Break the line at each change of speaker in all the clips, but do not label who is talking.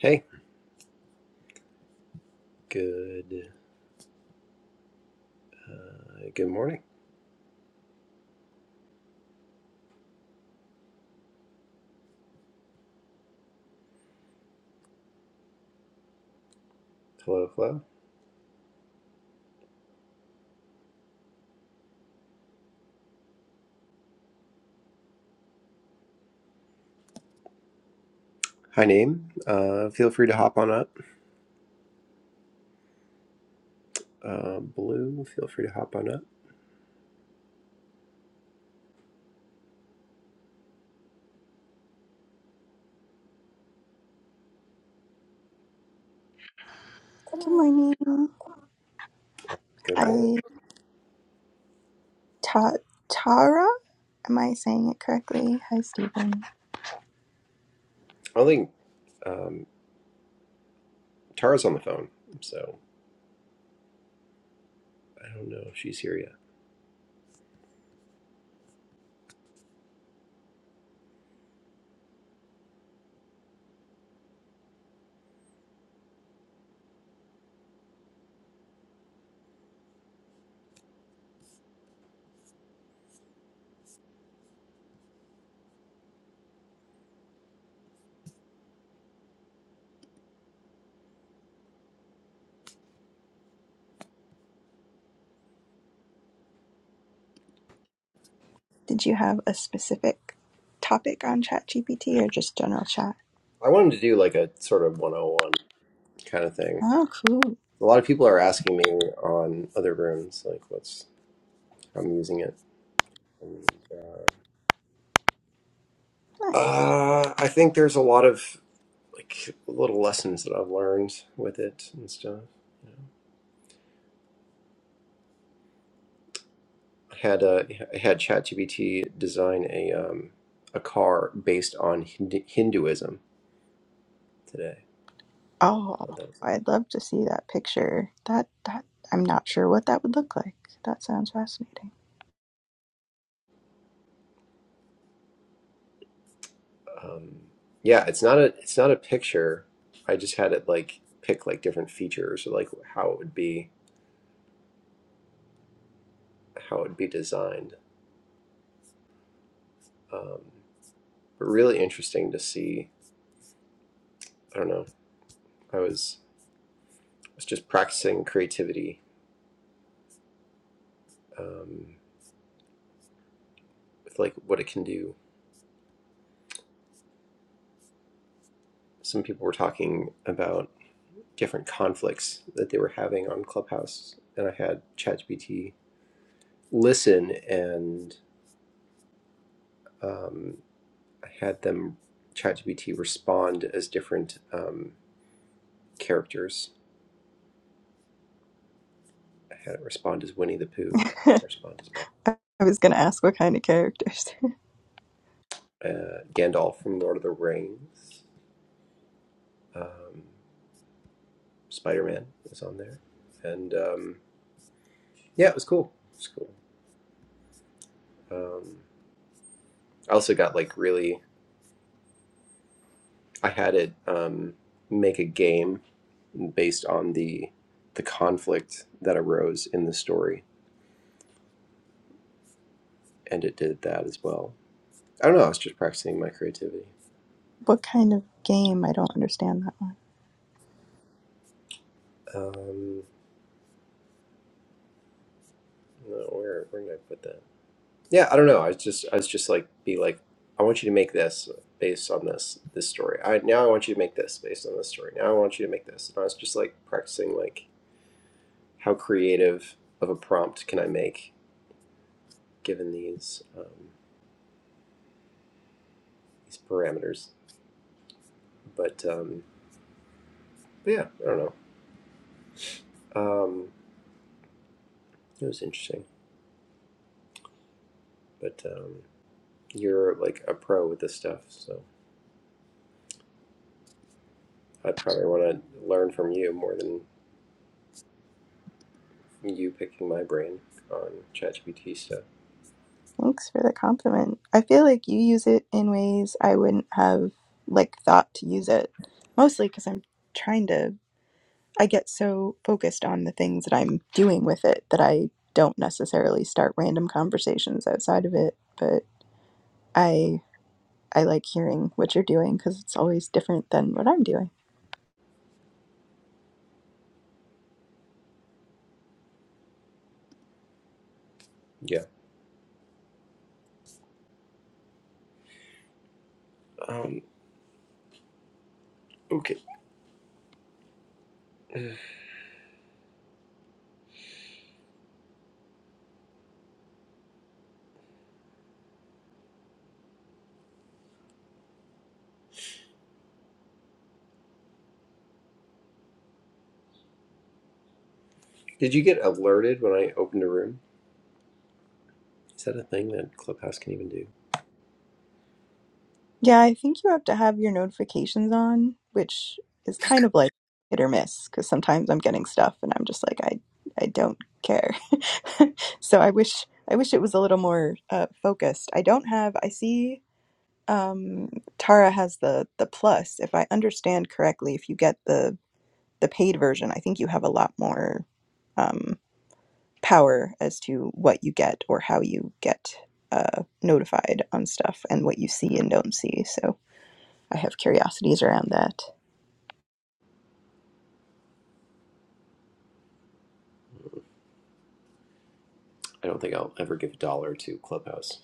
Hey, good uh, good morning. Hello, hello. Hi, name. Uh, feel free to hop on up. Uh, Blue, feel free to hop on up.
Good morning.
Good morning.
Hi, Ta- Tara. Am I saying it correctly? Hi, Stephen.
I don't think um, Tara's on the phone, so I don't know if she's here yet.
Did you have a specific topic on ChatGPT or just general chat?
I wanted to do like a sort of 101 kind of thing.
Oh, cool.
A lot of people are asking me on other rooms, like what's how I'm using it. And, uh,
Nice.
uh, I think there's a lot of like little lessons that I've learned with it and stuff. had a had ChatGPT design a um, a car based on Hindu- Hinduism today.
Oh,
Thought that was-
I'd love to see that picture. That that I'm not sure what that would look like. That sounds fascinating.
Um, yeah, it's not a it's not a picture. I just had it like pick like different features or like how it would be how it would be designed. Um, but really interesting to see. I don't know. I was I was just practicing creativity um, with like what it can do. Some people were talking about. different conflicts that they were having on Clubhouse, and I had ChatGPT listen, and um, I had them ChatGPT respond as different um, characters. I had it respond as Winnie the Pooh, respond as Bat,
I was gonna ask what kind of characters.
uh, Gandalf from Lord of the Rings, um, Spider Man was on there, and um, yeah, it was cool. It was cool. Um, I also got like really. I had it um, make a game based on the the conflict that arose in the story, and it did that as well. I don't know. I was just practicing my creativity.
what kind of game? I don't understand that
Um, no, where where did I put that? Yeah, I don't know. I was just I was just like be like, I want you to make this based on this this story. I now I want you to make this based on this story. Now I want you to make this. And I was just like practicing like how creative of a prompt can I make given these um, these parameters. But um, but yeah, I don't know. Um, it was interesting. but um, you're like a pro with this stuff, so I'd probably want to learn from you more than you picking my brain on ChatGPT stuff.
Thanks for the compliment. I feel like you use it in ways I wouldn't have like thought to use it. Mostly because I'm trying to I get so focused on the things that I'm doing with it that I don't necessarily start random conversations outside of it, but I I like hearing what you're doing because it's always different than what I'm doing.
Yeah. Um, okay. Did you get alerted when I opened a room? Is that a thing that Clubhouse can even do?
Yeah, I think you have to have your notifications on, which is kind of like hit or miss because sometimes I'm getting stuff and I'm just like I I don't care. so I wish I wish it was a little more uh, focused. I don't have. I see um, Tara has the the plus. If I understand correctly, if you get the the paid version, I think you have a lot more um, power as to what you get or how you get uh, notified on stuff and what you see and don't see. So. I have curiosities around that.
I don't think I'll ever give a dollar to Clubhouse,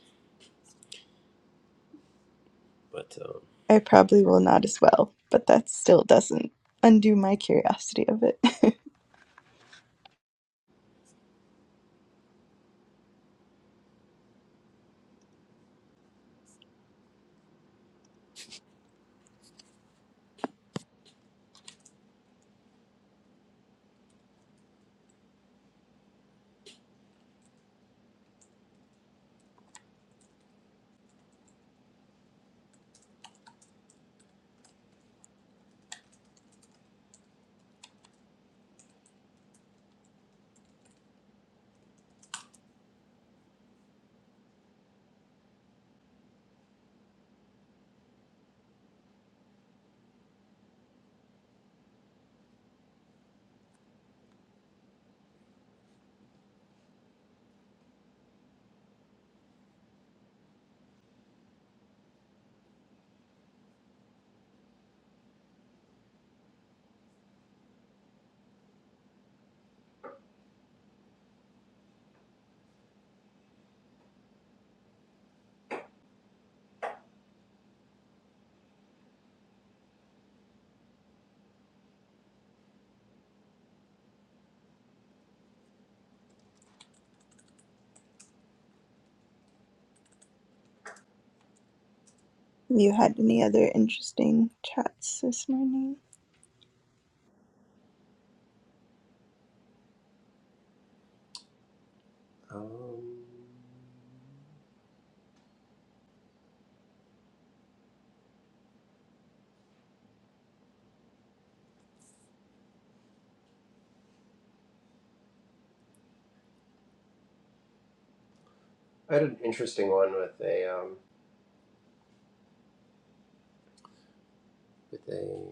but um,
I probably will not as well, but that still doesn't undo my curiosity of it. you had any other interesting chats this morning?
um, I had an interesting one with a um, with a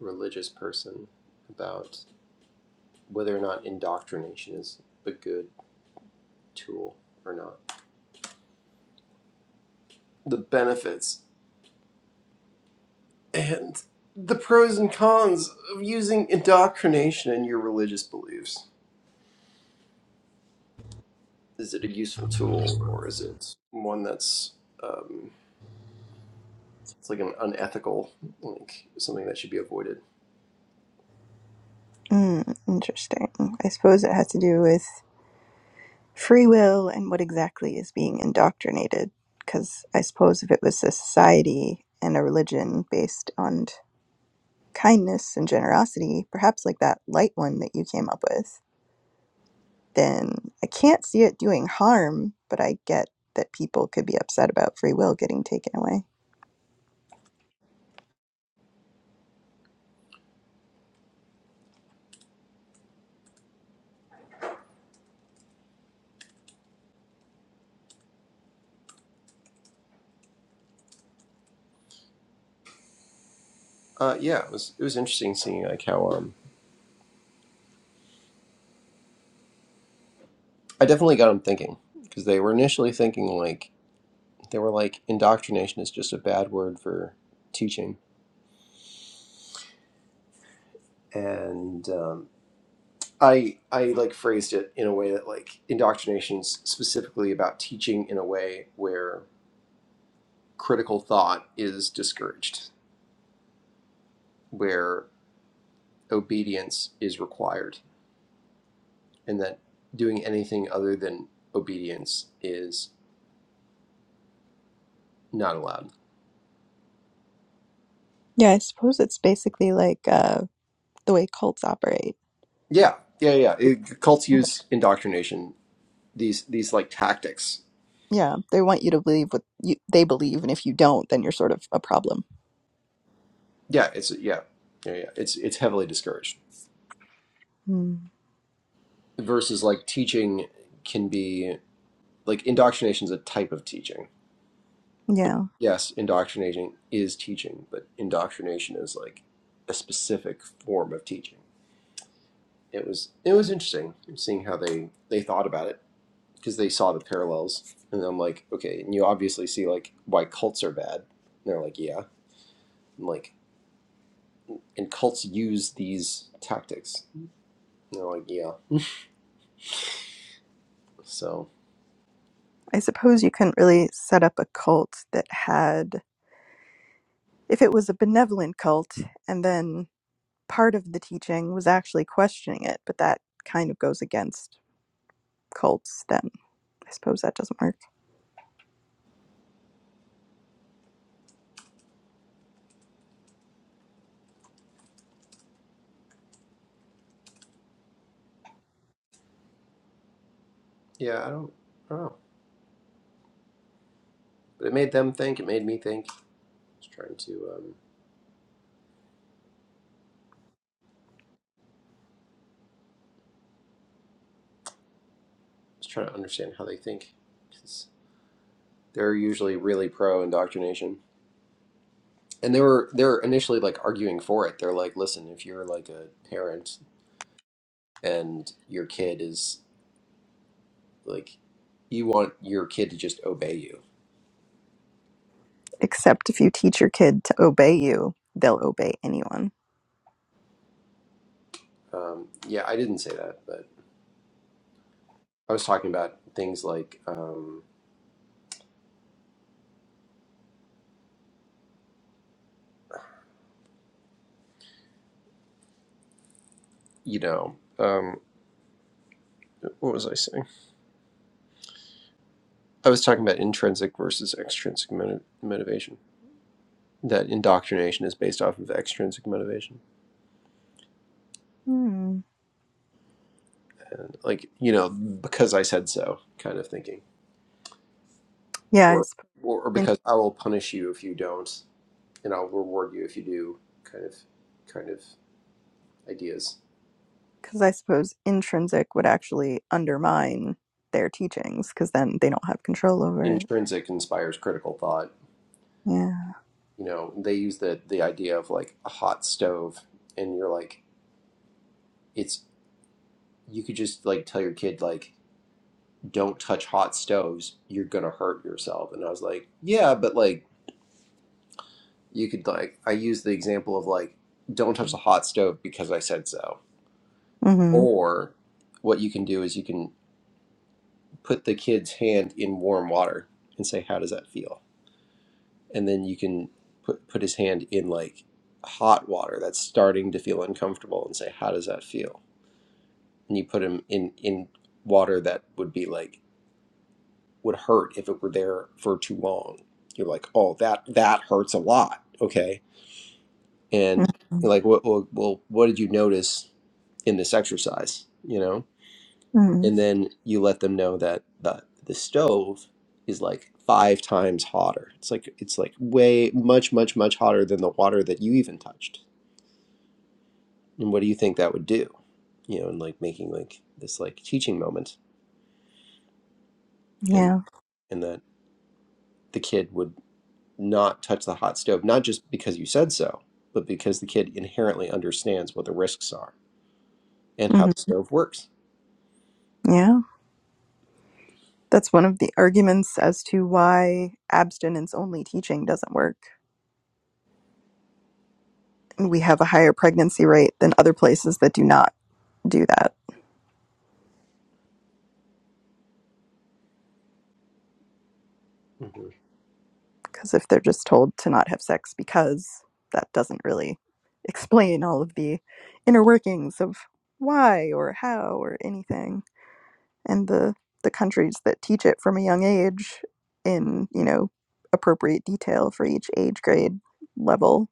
religious person about whether or not indoctrination is a good tool or not. the benefits and the pros and cons of using indoctrination in your religious beliefs. Is it a useful tool or is it one that's um, it's like an unethical, like something that should be avoided?
Mm, interesting. I suppose it has to do with free will and what exactly is being indoctrinated. Because I suppose if it was a society and a religion based on kindness and generosity, perhaps like that light one that you came up with, then I can't see it doing harm, but I get that people could be upset about free will getting taken away.
Uh, yeah, it was it was interesting seeing like how um, I definitely got them thinking because they were initially thinking like they were like indoctrination is just a bad word for teaching and um, I I like phrased it in a way that like indoctrination's specifically about teaching in a way where critical thought is discouraged, where obedience is required, and that doing anything other than obedience is not allowed.
Yeah, I suppose it's basically like uh, the way cults operate.
Yeah, yeah, yeah. It, cults
Mm.
use indoctrination these these like tactics.
Yeah. They want you to believe what you, they believe, and if you don't, then you're sort of a problem.
Yeah, it's yeah, yeah, yeah. It's it's heavily discouraged.
Mm.
Versus like teaching can be like indoctrination's a type of teaching like
Yeah.
yes, indoctrination is teaching, but indoctrination is like a specific form of teaching. It was it was interesting seeing how they they thought about it because they saw the parallels, and I'm like, okay, and you obviously see like why cults are bad. And they're like, yeah, I'm like and cults use these tactics. And they're like, yeah, so
I suppose you couldn't really set up a cult that had, if it was a benevolent cult and then part of the teaching was actually questioning it, but that kind of goes against cults, then I suppose that doesn't work.
yeah, I don't, I don't know, but it made them think. It made me think. I was trying to um, I was trying to understand how they think because 'Cause they're usually really pro indoctrination. and they were they were initially like arguing for it. They're like, listen, if you're like a parent and your kid is like, you want your kid to just obey you.
Except if you teach your kid to obey you, they'll obey anyone.
Um, yeah, I didn't say that, but I was talking about things like, um, you know, um, what was I saying? I was talking about intrinsic versus extrinsic moti- motivation. That indoctrination is based off of extrinsic motivation,
Hmm.
and like you know, because I said so, kind of thinking,
Yeah,
or
it's
or or because I will punish you if you don't and I'll reward you if you do kind of kind of ideas.
because I suppose intrinsic would actually undermine their teachings because then they don't have control over it.
Intrinsic inspires critical thought.
Yeah.
You know, they use the the idea of like a hot stove and you're like it's you could just like tell your kid like don't touch hot stoves, you're going to hurt yourself. And I was like, yeah, but like you could like I use the example of like don't touch the hot stove because I said so.
mm
Or what you can do is you can put the kid's hand in warm water and say how does that feel? and then you can put put his hand in like hot water that's starting to feel uncomfortable and say how does that feel and you put him in in water that would be like would hurt if it were there for too long you're like oh that that hurts a lot okay
hmm
and
mm
you're like well, well, well what did you notice in this exercise you know
hmm
and then you let them know that the the stove is like five times hotter it's like it's like way much much much hotter than the water that you even touched and what do you think that would do you know and like making like this like teaching moment and
Yeah.
and that the kid would not touch the hot stove not just because you said so but because the kid inherently understands what the risks are and how
hmm
the stove works
Yeah. That's one of the arguments as to why abstinence only teaching doesn't work. we have a higher pregnancy rate than other places that do not do that.
hmm
Because if they're just told to not have sex because that doesn't really explain all of the inner workings of why or how or anything. And the, the countries that teach it from a young age in, you know, appropriate detail for each age grade level,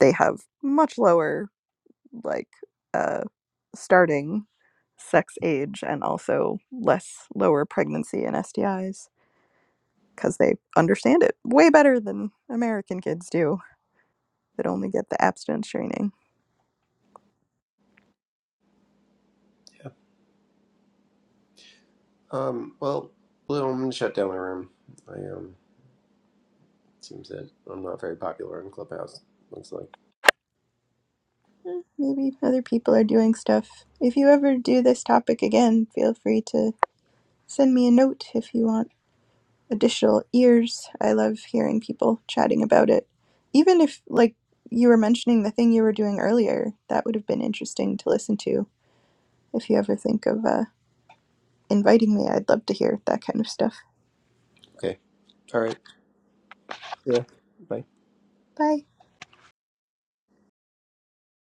they have much lower like uh, starting sex age and also less lower pregnancy and STIs because they understand it way better than American kids do that only get the abstinence training.
yeah um well blue i'm gonna shut down my room i um seems that i'm not very popular in clubhouse looks like
Eh, Maybe other people are doing stuff. If you ever do this topic again, feel free to send me a note if you want additional ears. I love hearing people chatting about it. Even if, like, you were mentioning the thing you were doing earlier, that would have been interesting to listen to if you ever think of uh, inviting me, I'd love to hear that kind of stuff.
okay all right yeah bye
Bye.